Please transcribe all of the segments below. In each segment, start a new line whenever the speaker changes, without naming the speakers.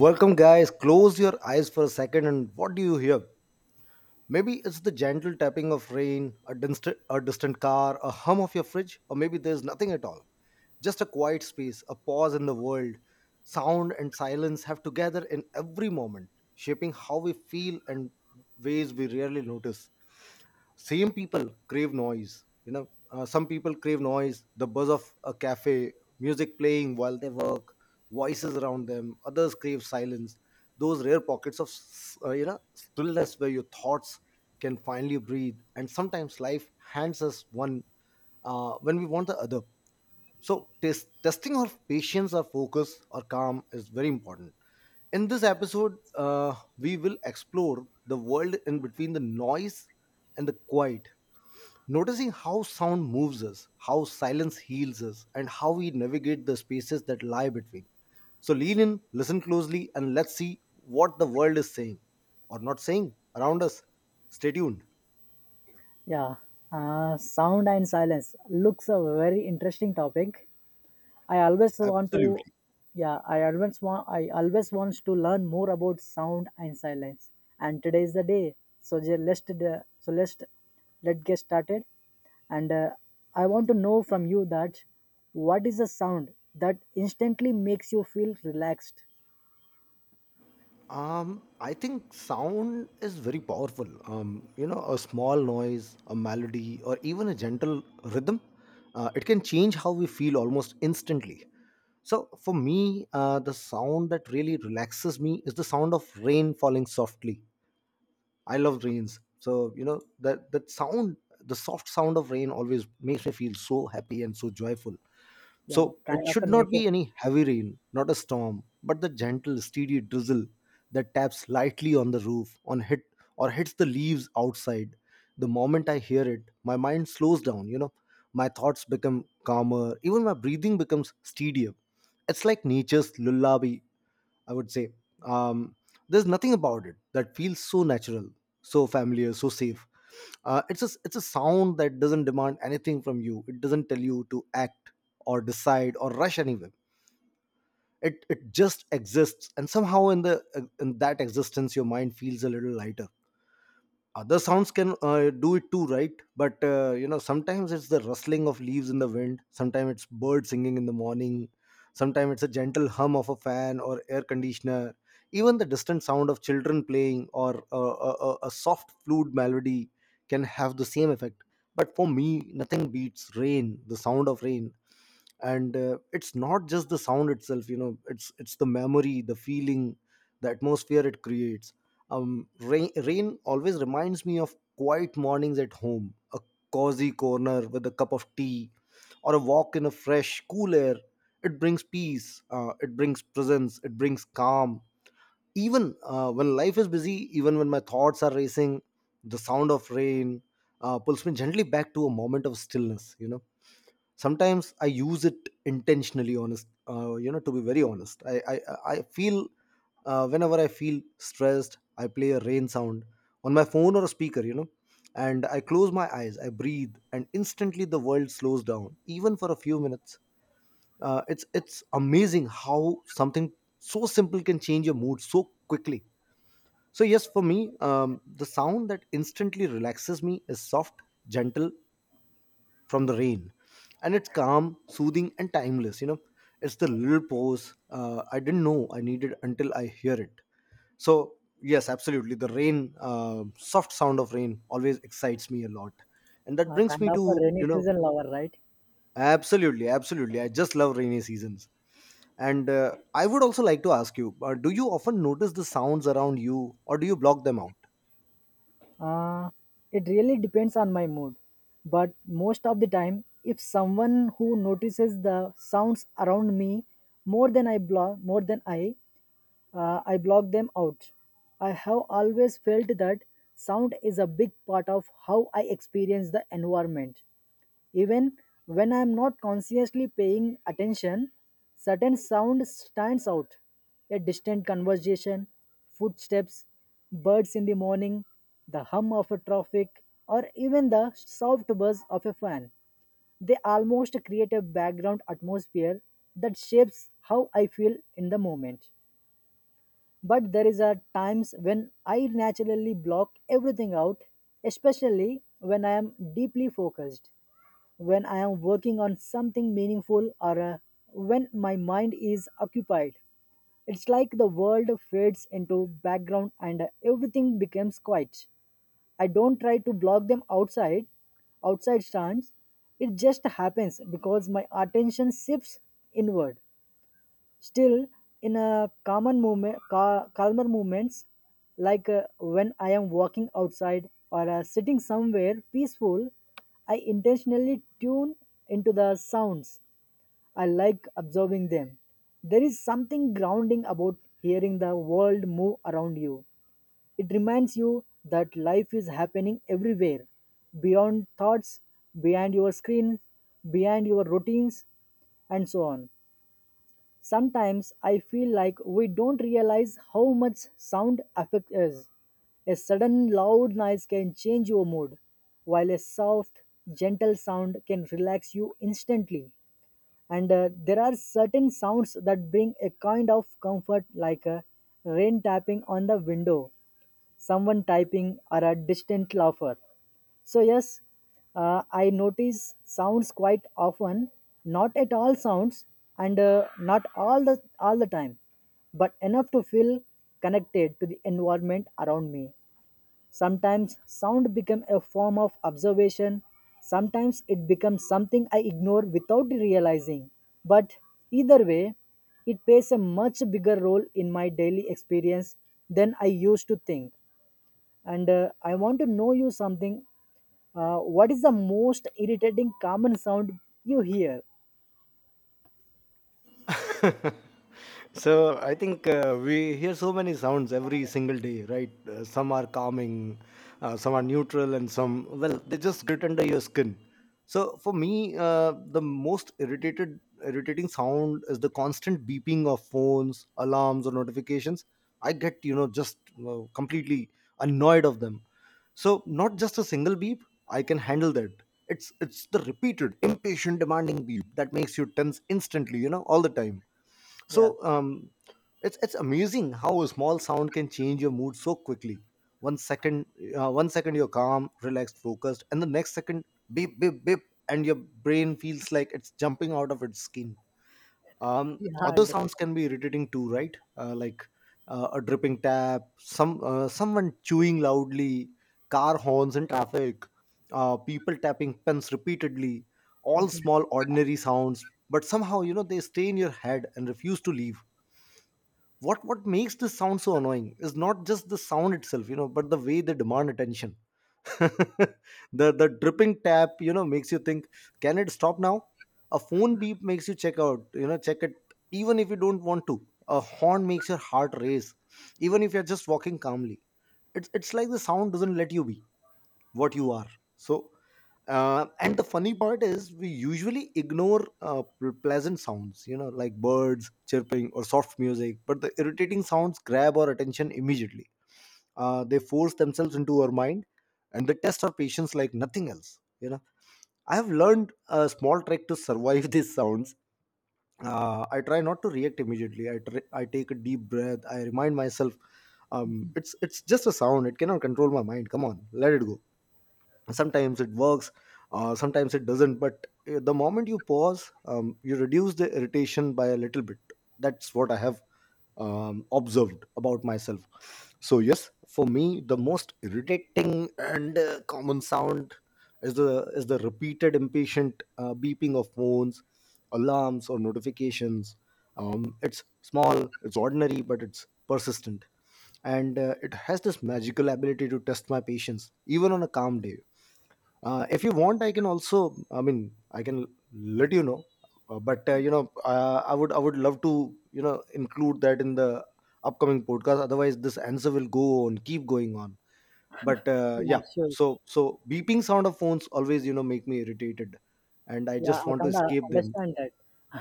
Welcome, guys. Close your eyes for a second, and what do you hear? Maybe it's the gentle tapping of rain, a distant car, a hum of your fridge, or maybe there's nothing at all. Just a quiet space, a pause in the world. Sound and silence have together in every moment, shaping how we feel and ways we rarely notice. Same people crave noise. Some people crave noise, the buzz of a cafe, music playing while they work, voices around them. Others crave silence. Those rare pockets of stillness where your thoughts can finally breathe. And sometimes life hands us one when we want the other. So, testing our patience, our focus, our calm is very important. In this episode, we will explore the world in between the noise and the quiet, noticing how sound moves us, how silence heals us, and how we navigate the spaces that lie between. So, lean in, listen closely, and let's see what the world is saying or not saying around us. Stay tuned.
Yeah, sound and silence looks a very interesting topic. I always want to,
Absolutely.
yeah, I always wants to learn more about sound and silence. And today is the day, so ju- let's, d- so let's get started. And I want to know from you that what is a sound that instantly makes you feel relaxed?
I think sound is very powerful. A small noise, a melody, or even a gentle rhythm, it can change how we feel almost instantly. So, for me, the sound that really relaxes me is the sound of rain falling softly. I love rains, so that sound, the soft sound of rain, always makes me feel so happy and so joyful.
Yeah,
So it
kind of a
should not
nature.
be any heavy rain, not a storm, but the gentle, steady drizzle that taps lightly on the roof, on hit or hits the leaves outside. The moment I hear it, my mind slows down. My thoughts become calmer, even my breathing becomes steadier. It's like nature's lullaby, I would say. Um, there's nothing about it that feels so natural, so familiar, so safe. It's a sound that doesn't demand anything from you. It doesn't tell you to act or decide or rush anywhere. It just exists, and somehow in that existence, your mind feels a little lighter. Other sounds can do it too, right? But sometimes it's the rustling of leaves in the wind. Sometimes it's birds singing in the morning. Sometimes it's a gentle hum of a fan or air conditioner. Even the distant sound of children playing or a soft flute melody can have the same effect. But for me, nothing beats rain, the sound of rain. And it's not just the sound itself, it's the memory, the feeling, the atmosphere it creates. Rain always reminds me of quiet mornings at home, a cozy corner with a cup of tea, or a walk in a fresh cool air. It brings peace, it brings presence, it brings calm. Even when life is busy, even when my thoughts are racing, the sound of rain pulls me gently back to a moment of stillness. Sometimes I use it intentionally, honest, to be very honest, I feel, whenever I feel stressed, I play a rain sound on my phone or a speaker, and I close my eyes, I breathe, and instantly the world slows down even for a few minutes. It's amazing how something so simple can change your mood so quickly. So yes, for me, the sound that instantly relaxes me is soft, gentle, from the rain, and it's calm, soothing, and timeless. It's the little pause I didn't know I needed until I hear it. So, yes, absolutely, the rain, soft sound of rain always excites me a lot. And that brings
Kind
me
of
to,
a
you
rainy
know,
season lover, right?
absolutely, absolutely, I just love rainy seasons. And I would also like to ask you, do you often notice the sounds around you, or do you block them out?
Uh, it really depends on my mood. But most of the time, if someone who notices the sounds around me more than I block, more than I block them out. I have always felt that sound is a big part of how I experience the environment. Even when I am not consciously paying attention, certain sound stands out. A distant conversation, footsteps, birds in the morning, the hum of a traffic, or even the soft buzz of a fan. They almost create a background atmosphere that shapes how I feel in the moment. But there is a times when I naturally block everything out, especially when I am deeply focused, when I am working on something meaningful or when my mind is occupied. It's like the world fades into background and everything becomes quiet. I don't try to block them outside stands. It just happens because my attention shifts inward. Still, in a common movement, calmer movements, like when I am walking outside or sitting somewhere peaceful, I intentionally tune into the sounds. I like observing them. There is something grounding about hearing the world move around you. It reminds you that life is happening everywhere, beyond thoughts, behind your screen, behind your routines, and so on. Sometimes I feel like we don't realize how much sound affects us. A sudden loud noise can change your mood, while a soft, gentle sound can relax you instantly. And There are certain sounds that bring a kind of comfort, like rain tapping on the window, someone typing, or a distant laugher. So, yes, I notice sounds quite often, not at all sounds, and not all the time, but enough to feel connected to the environment around me. Sometimes sound becomes a form of observation, sometimes it becomes something I ignore without realizing. But either way, it plays a much bigger role in my daily experience than I used to think. And I want to know you something. What is the most irritating common sound you hear?
So I think we hear so many sounds every single day, right? Some are calming, some are neutral, and some, well, they just grit under your skin. So for me, the most irritating sound is the constant beeping of phones, alarms, or notifications. I get, just, completely annoyed of them. So not just a single beep, I can handle that. It's the repeated, impatient, demanding beep that makes you tense instantly. You know, all the time. So,
Yeah,
it's amazing how a small sound can change your mood so quickly. One second, you're calm, relaxed, focused, and the next second, beep, beep, beep, and your brain feels like it's jumping out of its skin.
yeah, I
Other sounds
understand.
can be irritating too, right? Like a dripping tap, someone chewing loudly, car horns in traffic, people tapping pens repeatedly. All small, ordinary sounds, but somehow, they stay in your head and refuse to leave. What makes this sound so annoying is not just the sound itself, but the way they demand attention. The dripping tap, makes you think, can it stop now? A phone beep makes you check out, check it, even if you don't want to. A horn makes your heart race, even if you're just walking calmly. It's like the sound doesn't let you be what you are. So, and the funny part is we usually ignore pleasant sounds, like birds chirping or soft music, but the irritating sounds grab our attention immediately. They force themselves into our mind, and they test our patience like nothing else. I have learned a small trick to survive these sounds. I try not to react immediately. I take a deep breath. I remind myself, it's just a sound, it cannot control my mind, come on, let it go. Sometimes it works, sometimes it doesn't, but the moment you pause, you reduce the irritation by a little bit. That's what I have observed about myself. So yes, for me, the most irritating and common sound is the repeated, impatient, beeping of phones, alarms, or notifications. It's small, it's ordinary, but it's persistent. And it has this magical ability to test my patience even on a calm day. If you want, I can also. I mean, I can let you know. But I would love to include that in the upcoming podcast. Otherwise, this answer will go on, keep going on. But uh,
Yeah,
yeah,
sure.
so beeping sound of phones always, make me irritated, and I
Yeah,
just
I
want to
kind of
escape them.
understand that.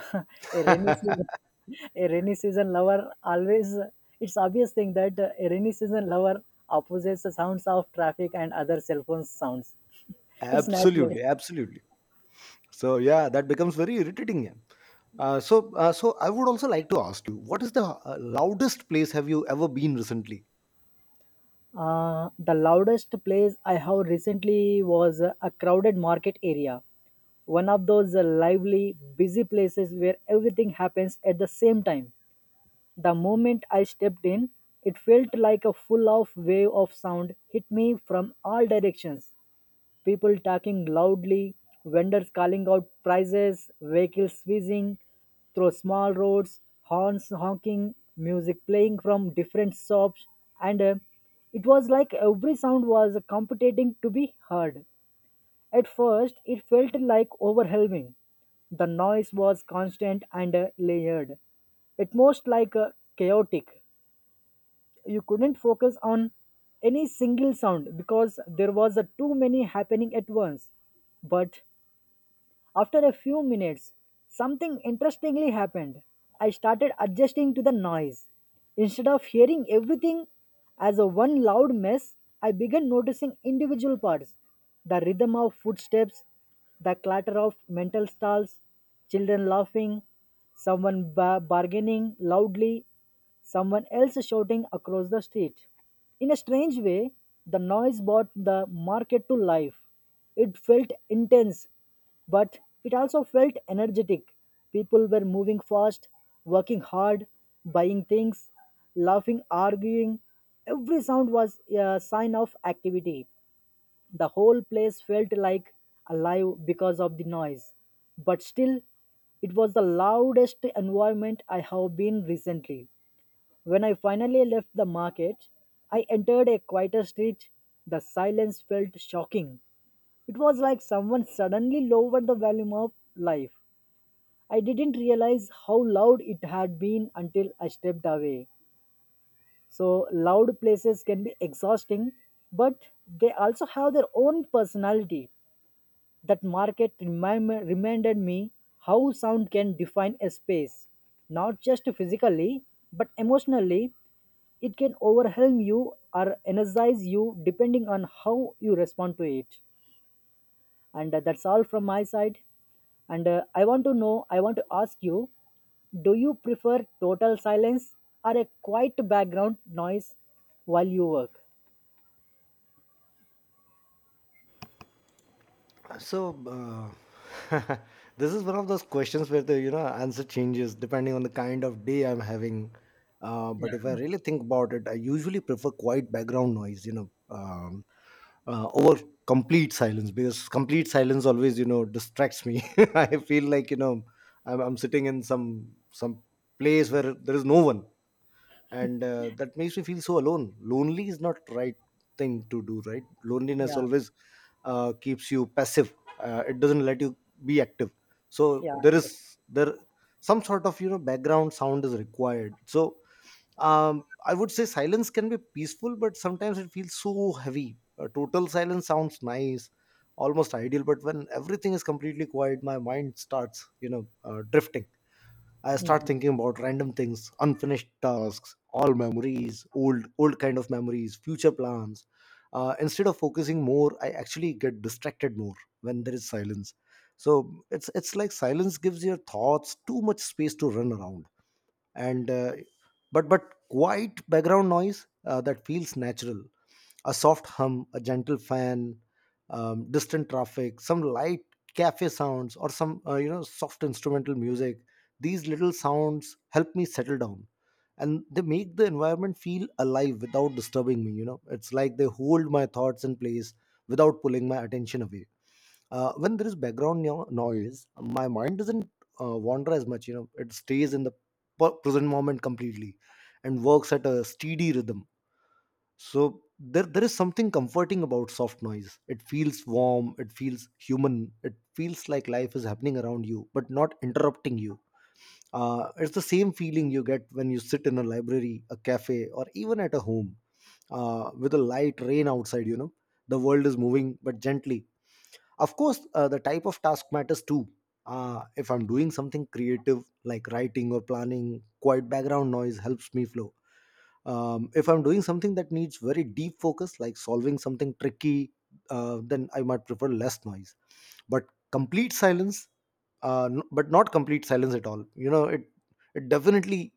a rainy season a rainy season lover always, it's obvious thing that a rainy season lover opposes the sounds of traffic and other cell phone sounds. It's natural.
Absolutely, absolutely. So yeah, that becomes very irritating. Yeah. So I would also like to ask you, what is the loudest place have you ever been recently?
The loudest place I have recently was a crowded market area. One of those lively, busy places where everything happens at the same time. The moment I stepped in, it felt like a full of wave of sound hit me from all directions: people talking loudly, vendors calling out prices, vehicles whizzing through small roads, horns honking, music playing from different shops, and it was like every sound was competing to be heard. At first, it felt like overwhelming. The noise was constant and layered, at most like chaotic. You couldn't focus on any single sound because there was a too many happening at once. But after a few minutes, something interestingly happened. I started adjusting to the noise. Instead of hearing everything as a one loud mess, I began noticing individual parts: the rhythm of footsteps, the clatter of mental stalls, children laughing, someone bargaining loudly, someone else shouting across the street. In a strange way, the noise brought the market to life. It felt intense, but it also felt energetic. People were moving fast, working hard, buying things, laughing, arguing. Every sound was a sign of activity. The whole place felt like alive because of the noise. But still, it was the loudest environment I have been recently. When I finally left the market, I entered a quieter street. The silence felt shocking. It was like someone suddenly lowered the volume of life. I didn't realize how loud it had been until I stepped away. So, loud places can be exhausting, but they also have their own personality. That reminded me how sound can define a space, not just physically, but emotionally. It can overwhelm you or energize you depending on how you respond to it. And That's all from my side. And I want to know I want to ask you, do you prefer total silence or a quiet background noise while you work?
So, uh, this is one of those questions where the answer changes depending on the kind of day I'm having. But if I really think about it, I usually prefer quiet background noise, over complete silence because complete silence always distracts me. I feel like, I'm sitting in some place where there is no one, and that makes me feel so alone. Lonely is not right thing to do, right? Loneliness
Yeah.
always keeps you passive, it doesn't let you be active. So
Yeah, I
there
understand.
is there some sort of, background sound is required. So, I would say silence can be peaceful, but sometimes it feels so heavy. Total silence sounds nice, almost ideal, but when everything is completely quiet, my mind starts, drifting. I start thinking about random things, unfinished tasks, all memories, old kind of memories, future plans. Instead of focusing more, I actually get distracted more when there is silence. So it's like silence gives your thoughts too much space to run around and but quiet background noise, that feels natural. A soft hum, a gentle fan, distant traffic, some light cafe sounds, or some soft instrumental music. These little sounds help me settle down, and they make the environment feel alive without disturbing me. It's like they hold my thoughts in place without pulling my attention away. When there is background noise, my mind doesn't wander as much. It stays in the present moment completely and works at a steady rhythm. So there is something comforting about soft noise. It feels warm, it feels human, it feels like life is happening around you but not interrupting you. It's the same feeling you get when you sit in a library, a cafe, or even at a home with a light rain outside. The world is moving, but gently. Of course, the type of task matters too. If I'm doing something creative like writing or planning, quiet background noise helps me flow. If I'm doing something that needs very deep focus, like solving something tricky, then I might prefer less noise. But complete silence, but not complete silence at all. You know, it definitely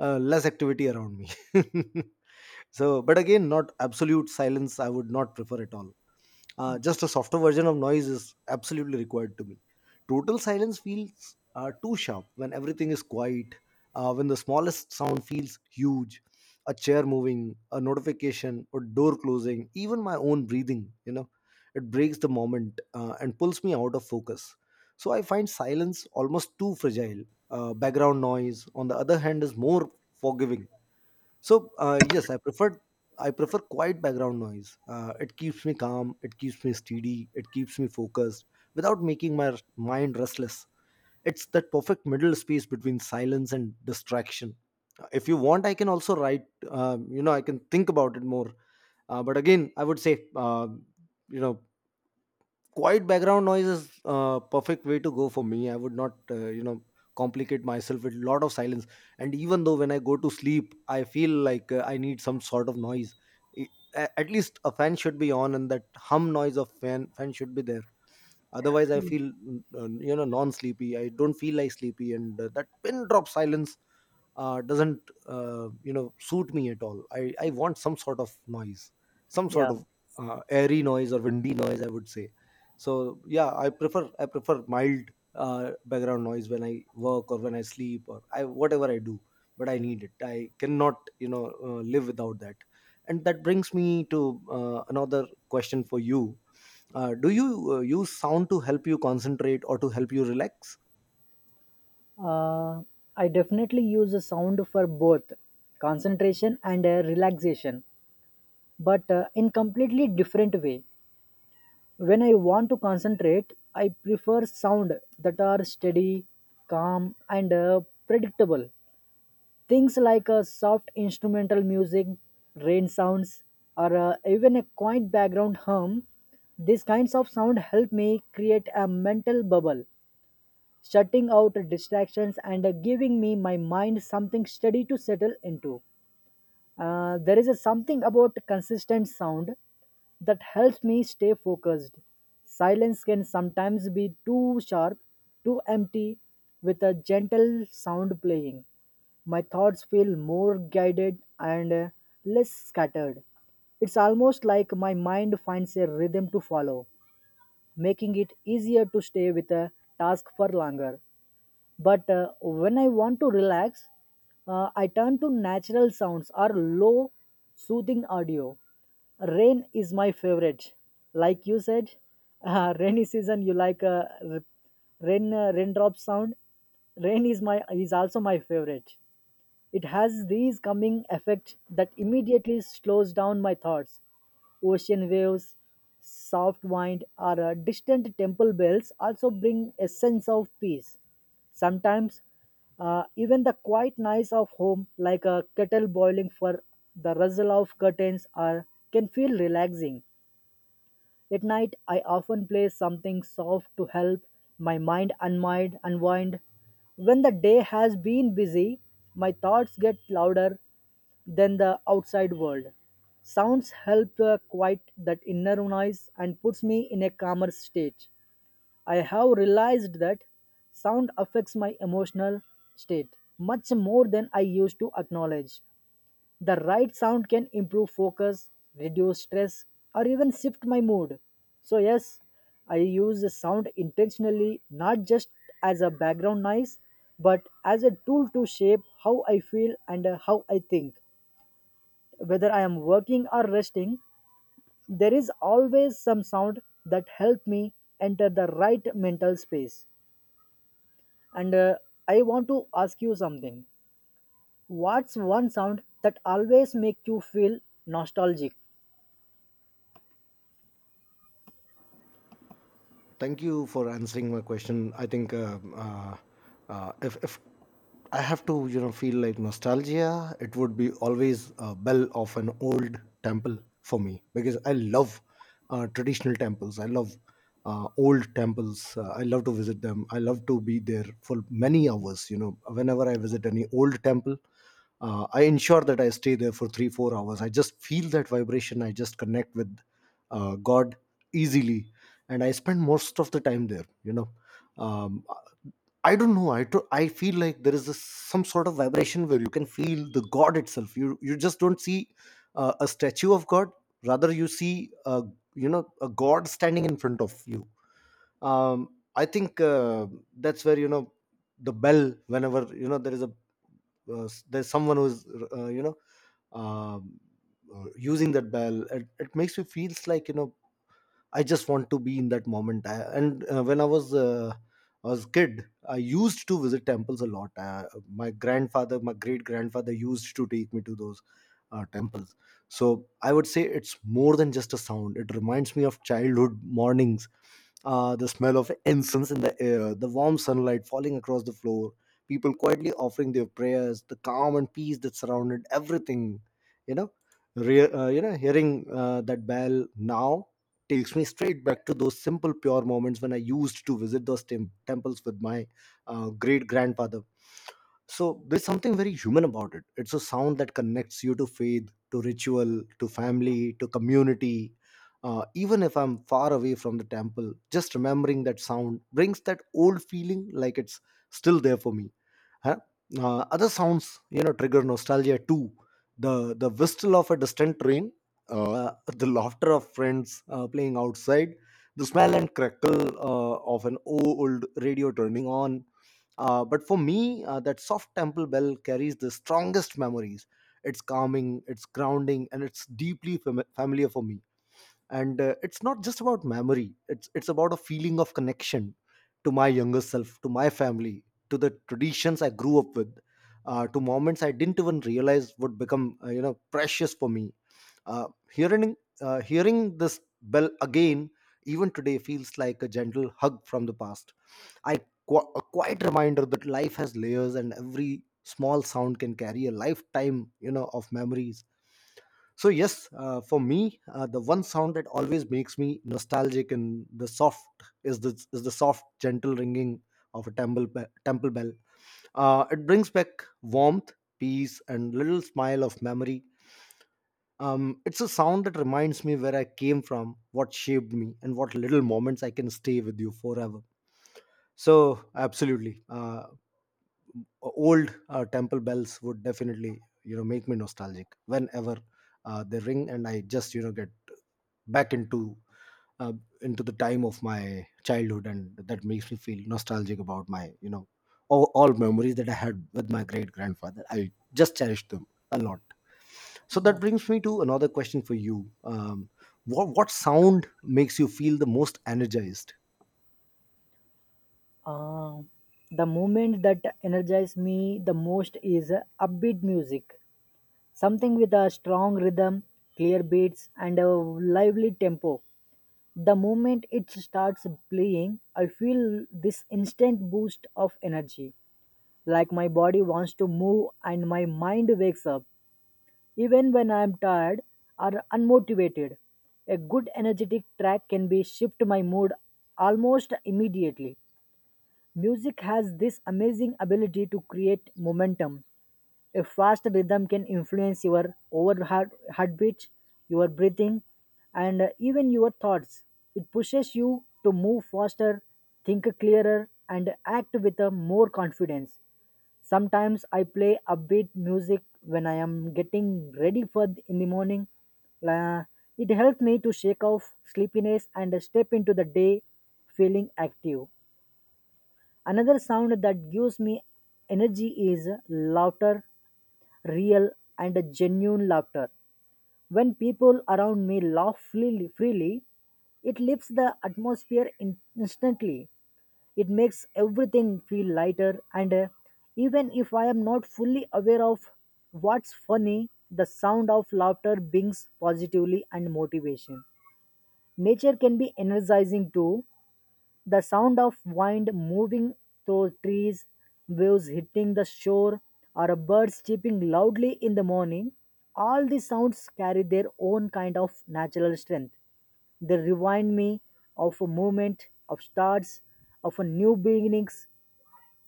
less activity around me. So, but again, not absolute silence. I would not prefer at all. Just a softer version of noise is absolutely required to me. Total silence feels too sharp when everything is quiet, when the smallest sound feels huge. A chair moving, a notification, or door closing, even my own breathing, it breaks the moment and pulls me out of focus. So I find silence almost too fragile. Background noise, on the other hand, is more forgiving. So yes, I prefer quiet background noise. It keeps me calm, it keeps me steady, it keeps me focused without making my mind restless. It's that perfect middle space between silence and distraction. If you want, I can also write. I can think about it more. But again, I would say, you know, quiet background noise is a perfect way to go for me. I would not complicate myself with a lot of silence. And even though, when I go to sleep, I feel like I need some sort of noise. I- at least a fan should be on, and that hum noise of fan should be there. Otherwise I feel non sleepy. I don't feel like sleepy, and that pin drop silence doesn't suit me at all. I want some sort of noise, some sort
Yeah.
of airy noise or windy noise, I would say. So yeah, I prefer I prefer mild background noise when I work or when I sleep or I whatever I do. But I need it, I cannot live without that. And that brings me to another question for you. Do you use sound to help you concentrate or to help you relax?
uh, I definitely use a sound for both concentration and relaxation, but in completely different way. When I want to concentrate, I prefer sound that are steady, calm, and predictable. Things like a soft instrumental music, rain sounds, or even a quiet background hum, these kinds of sound help me create a mental bubble, shutting out distractions and giving me my mind something steady to settle into. There is a something about consistent sound that helps me stay focused. Silence can sometimes be too sharp, too empty, with a gentle sound playing. My thoughts feel more guided and less scattered. It's almost like my mind finds a rhythm to follow, making it easier to stay with a task for longer. But when I want to relax, I turn to natural sounds or low, soothing audio. Rain is my favorite. Like you said, rainy season you like r- rain, raindrop sound. Rain is also my favorite. It has these calming effect that immediately slows down my thoughts. Ocean waves, soft wind, or distant temple bells also bring a sense of peace. Sometimes, even the quiet noise of home, like a kettle boiling for the rustle of curtains, are can feel relaxing. At night, I often play something soft to help my mind unwind. When the day has been busy, my thoughts get louder than the outside world. Sounds help quiet that inner noise and puts me in a calmer state. I have realized that sound affects my emotional state much more than I used to acknowledge. The right sound can improve focus, reduce stress, or even shift my mood. So, yes, I use the sound intentionally not just as a background noise but as a tool to shape how I feel and how I think. Whether I am working or resting, there is always some sound that help me enter the right mental space. And I want to ask you something. What's one sound that always makes you feel nostalgic?
Thank you for answering my question. I think if I have to, you know, feel like nostalgia, it would be always a bell of an old temple for me, because I love traditional temples. I love old temples. I love to visit them. I love to be there for many hours. You know, whenever I visit any old temple, I ensure that I stay there for 3 4 hours. I just feel that vibration, I just connect with God easily, and I spend most of the time there. um, I don't know. I feel like there is this, some sort of vibration where you can feel the God itself. You just don't see a statue of God. Rather, you see a God standing in front of you. um, I think that's where, you know, the bell, whenever, you know, there is a there's someone who's uh, you know um, using that bell, it makes you feels like you know. I just want to be in that moment. And when I was kid, I used to visit temples a lot. My grandfather, my great grandfather, used to take me to those temples. So I would say it's more than just a sound. It reminds me of childhood mornings, the smell of incense in the air, the warm sunlight falling across the floor, people quietly offering their prayers, the calm and peace that surrounded everything. You know, hearing that bell now takes me straight back to those simple pure moments when I used to visit those temples with my great grandfather. So there's something very human about it. It's a sound that connects you to faith, to ritual, to family, to community. Even if I'm far away from the temple, just remembering that sound brings that old feeling, like it's still there for me. Huh? Other sounds, you know, trigger nostalgia too. The whistle of a distant train, uh, the laughter of friends playing outside, the smell and crackle of an old radio turning on. But for me, that soft temple bell carries the strongest memories. It's calming, it's grounding, and it's deeply familiar for me. And it's not just about memory, it's about a feeling of connection to my younger self, to my family, to the traditions I grew up with, to moments I didn't even realize would become precious for me. Hearing this bell again, even today, feels like a gentle hug from the past. I qu- a quiet reminder that life has layers, and every small sound can carry a lifetime, of memories. So yes, for me, the one sound that always makes me nostalgic and the soft is the soft, gentle ringing of a temple temple bell. It brings back warmth, peace, and little smile of memory. It's a sound that reminds me where I came from, what shaped me, and what little moments I can stay with you forever. So absolutely, old temple bells would definitely make me nostalgic whenever they ring, and I just get back into uh, into the time of my childhood. And that makes me feel nostalgic about my all memories that I had with my great grandfather. I just cherish them a lot. So that brings me to another question for you. What sound makes you feel the most energized?
Uh, the movement that energizes me the most is upbeat music, something with a strong rhythm, clear beats, and a lively tempo. The moment it starts playing, I feel this instant boost of energy, like my body wants to move and my mind wakes up, even when I am tired or unmotivated. A good energetic track can be shift my mood almost immediately. Music has this amazing ability to create momentum. A fast rhythm can influence your over heartbeat, your breathing, and even your thoughts. It pushes you to move faster, think clearer, and act with a more confidence. Sometimes I play upbeat music when I am getting ready for in the morning. La- it helps me to shake off sleepiness and step into the day feeling active. Another sound that gives me energy is laughter, real and genuine laughter. When people around me laugh freely, it lifts the atmosphere instantly. It makes everything feel lighter, and even if I am not fully aware of what's funny, the sound of laughter brings positively and motivation. Nature can be energizing too: the sound of wind moving through trees, waves hitting the shore, or a bird chirping loudly in the morning, all these sounds carry their own kind of natural strength. They remind me of a moment, of stars, of a new beginnings.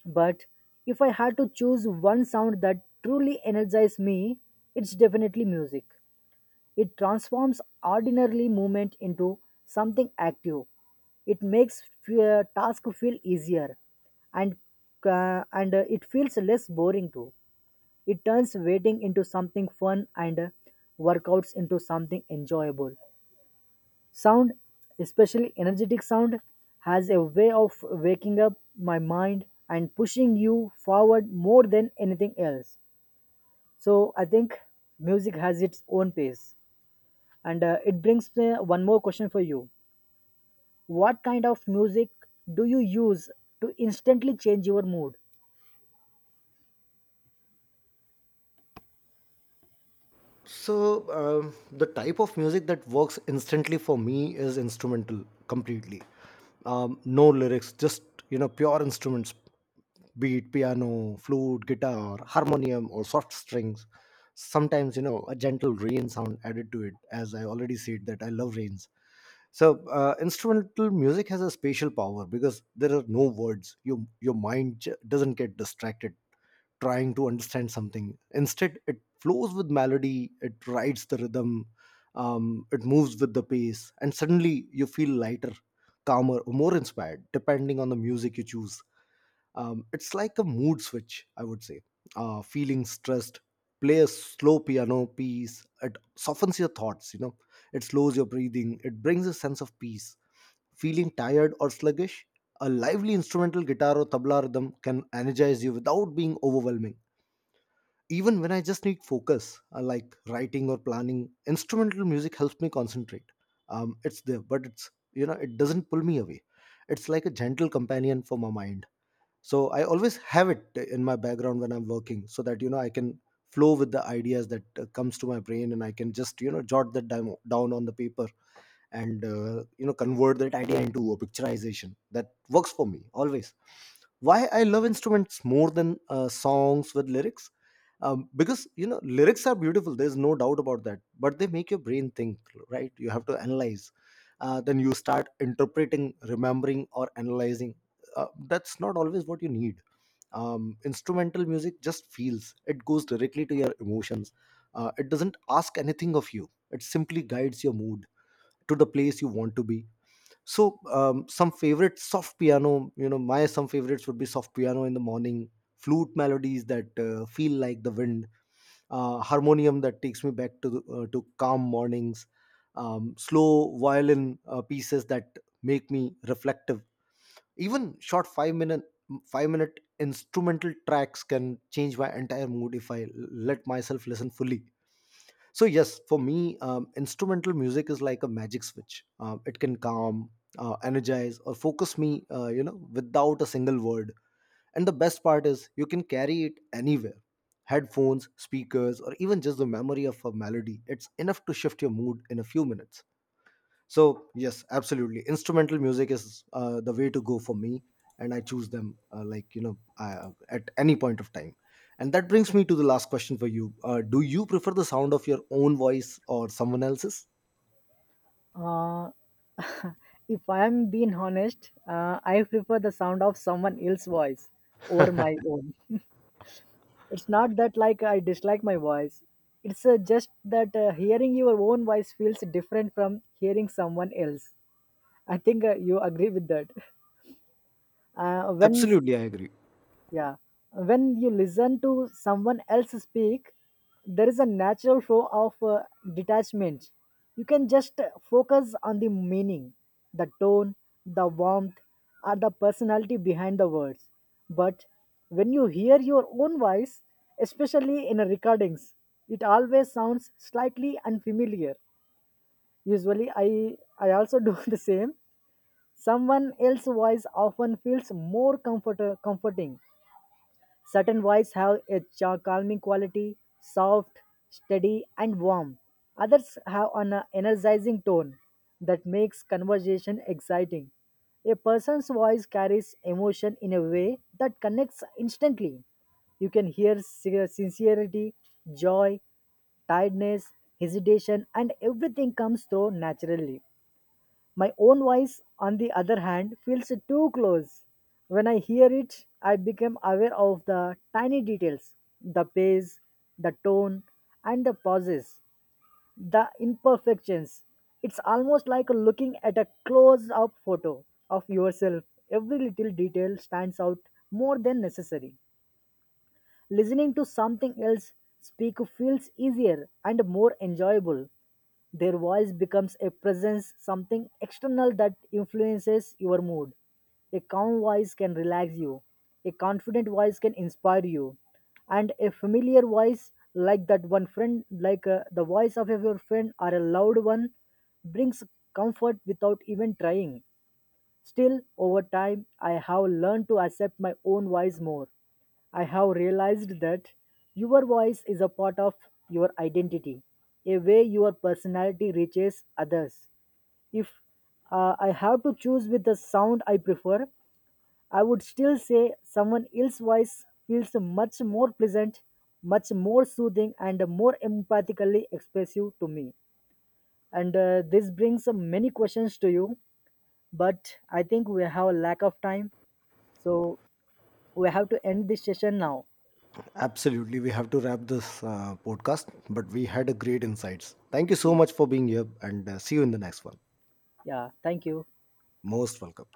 But if I had to choose one sound that truly energizes me, it's definitely music. It transforms ordinary movement into something active. It makes task feel easier and it feels less boring too. It turns waiting into something fun and workouts into something enjoyable. Sound, especially energetic sound, has a way of waking up my mind and pushing you forward more than anything else. So I think music has its own pace. And it brings me one more question for you. What kind of music do you use to instantly change your mood?
So, the type of music that works instantly for me is instrumental completely. No lyrics, just, you know, pure instruments, be it piano, flute, guitar, harmonium, or soft strings. Sometimes, you know, a gentle rain sound added to it, as I already said that I love rains. So instrumental music has a spatial power because there are no words. Your mind doesn't get distracted trying to understand something. Instead it flows with melody, it rides the rhythm. It moves with the pace, and suddenly you feel lighter, calmer, or more inspired depending on the music you choose. It's like a mood switch, I would say. Feeling stressed, play a slow piano piece. It softens your thoughts, you know. It slows your breathing. It brings a sense of peace. Feeling tired or sluggish, a lively instrumental guitar or tabla rhythm can energize you without being overwhelming. Even when I just need focus, like writing or planning, instrumental music helps me concentrate. It's there, but it's, you know, it doesn't pull me away. It's like a gentle companion for my mind, so I always have it in my background when I'm working so that, you know, I can flow with the ideas that comes to my brain, and I can just, you know, jot that demo down on the paper, and convert that idea into a picturization that works for me always. Why I love instruments more than songs with lyrics: because, you know, lyrics are beautiful, there's no doubt about that, but they make your brain think, right? You have to analyze. Then you start interpreting, remembering, or analyzing. That's not always what you need. Instrumental music just feels it goes directly to your emotions. It doesn't ask anything of you, it simply guides your mood to the place you want to be. So some favorite soft piano, you know, my some favorites would be soft piano in the morning, flute melodies that feel like the wind, harmonium that takes me back to to calm mornings. Slow violin pieces that make me reflective. Even short 5 minute 5 minute instrumental tracks can change my entire mood if I let myself listen fully. So yes, for me, instrumental music is like a magic switch. It can calm, energize, or focus me without a single word. And the best part is you can carry it anywhere: headphones, speakers, or even just the memory of a melody. It's enough to shift your mood in a few minutes. So yes, absolutely. Instrumental music is the way to go for me, and I choose them like, you know, at any point of time. And that brings me to the last question for you: Do you prefer the sound of your own voice or someone else's?
Uh, if I am being honest, I prefer the sound of someone else's voice over my own. It's not that like I dislike my voice. It's just that hearing your own voice feels different from hearing someone else. I think you agree with that. When...
Absolutely, I agree.
Yeah. When you listen to someone else speak, there is a natural flow of detachment. You can just focus on the meaning, the tone, the warmth, or the personality behind the words. But when you hear your own voice, especially in recordings, it always sounds slightly unfamiliar. Usually, I also do the same. Someone else's voice often feels more comforting. Certain wines have a calming quality, soft, steady, and warm. Others have an energizing tone that makes conversation exciting. A person's voice carries emotion in a way that connects instantly. You can hear sincerity, joy, tiredness, hesitation, and everything comes through naturally. My own voice, on the other hand, feels too close. When I hear it, I become aware of the tiny details: the pace, the tone, and the pauses, the imperfections. It's almost like looking at a close up photo of yourself. Every little detail stands out more than necessary. Listening to something else speak feels easier and more enjoyable. Their voice becomes a presence, something external that influences your mood. A calm voice can relax you, a confident voice can inspire you, and a familiar voice like that one friend, like the voice of your friend or a loud one, brings comfort without even trying. Still, over time, I have learned to accept my own voice more. I have realized that your voice is a part of your identity, a way your personality reaches others. If I have to choose with the sound I prefer, I would still say someone else's voice feels much more pleasant, much more soothing, and more empathically expressive to me. And this brings many questions to you, but I think we have a lack of time. So we have to end this session now.
Absolutely, we have to wrap this podcast, but we had a great insights. Thank you
Yeah.
so much for being here, and see you in the next one.
Yeah. Thank you.
Most welcome.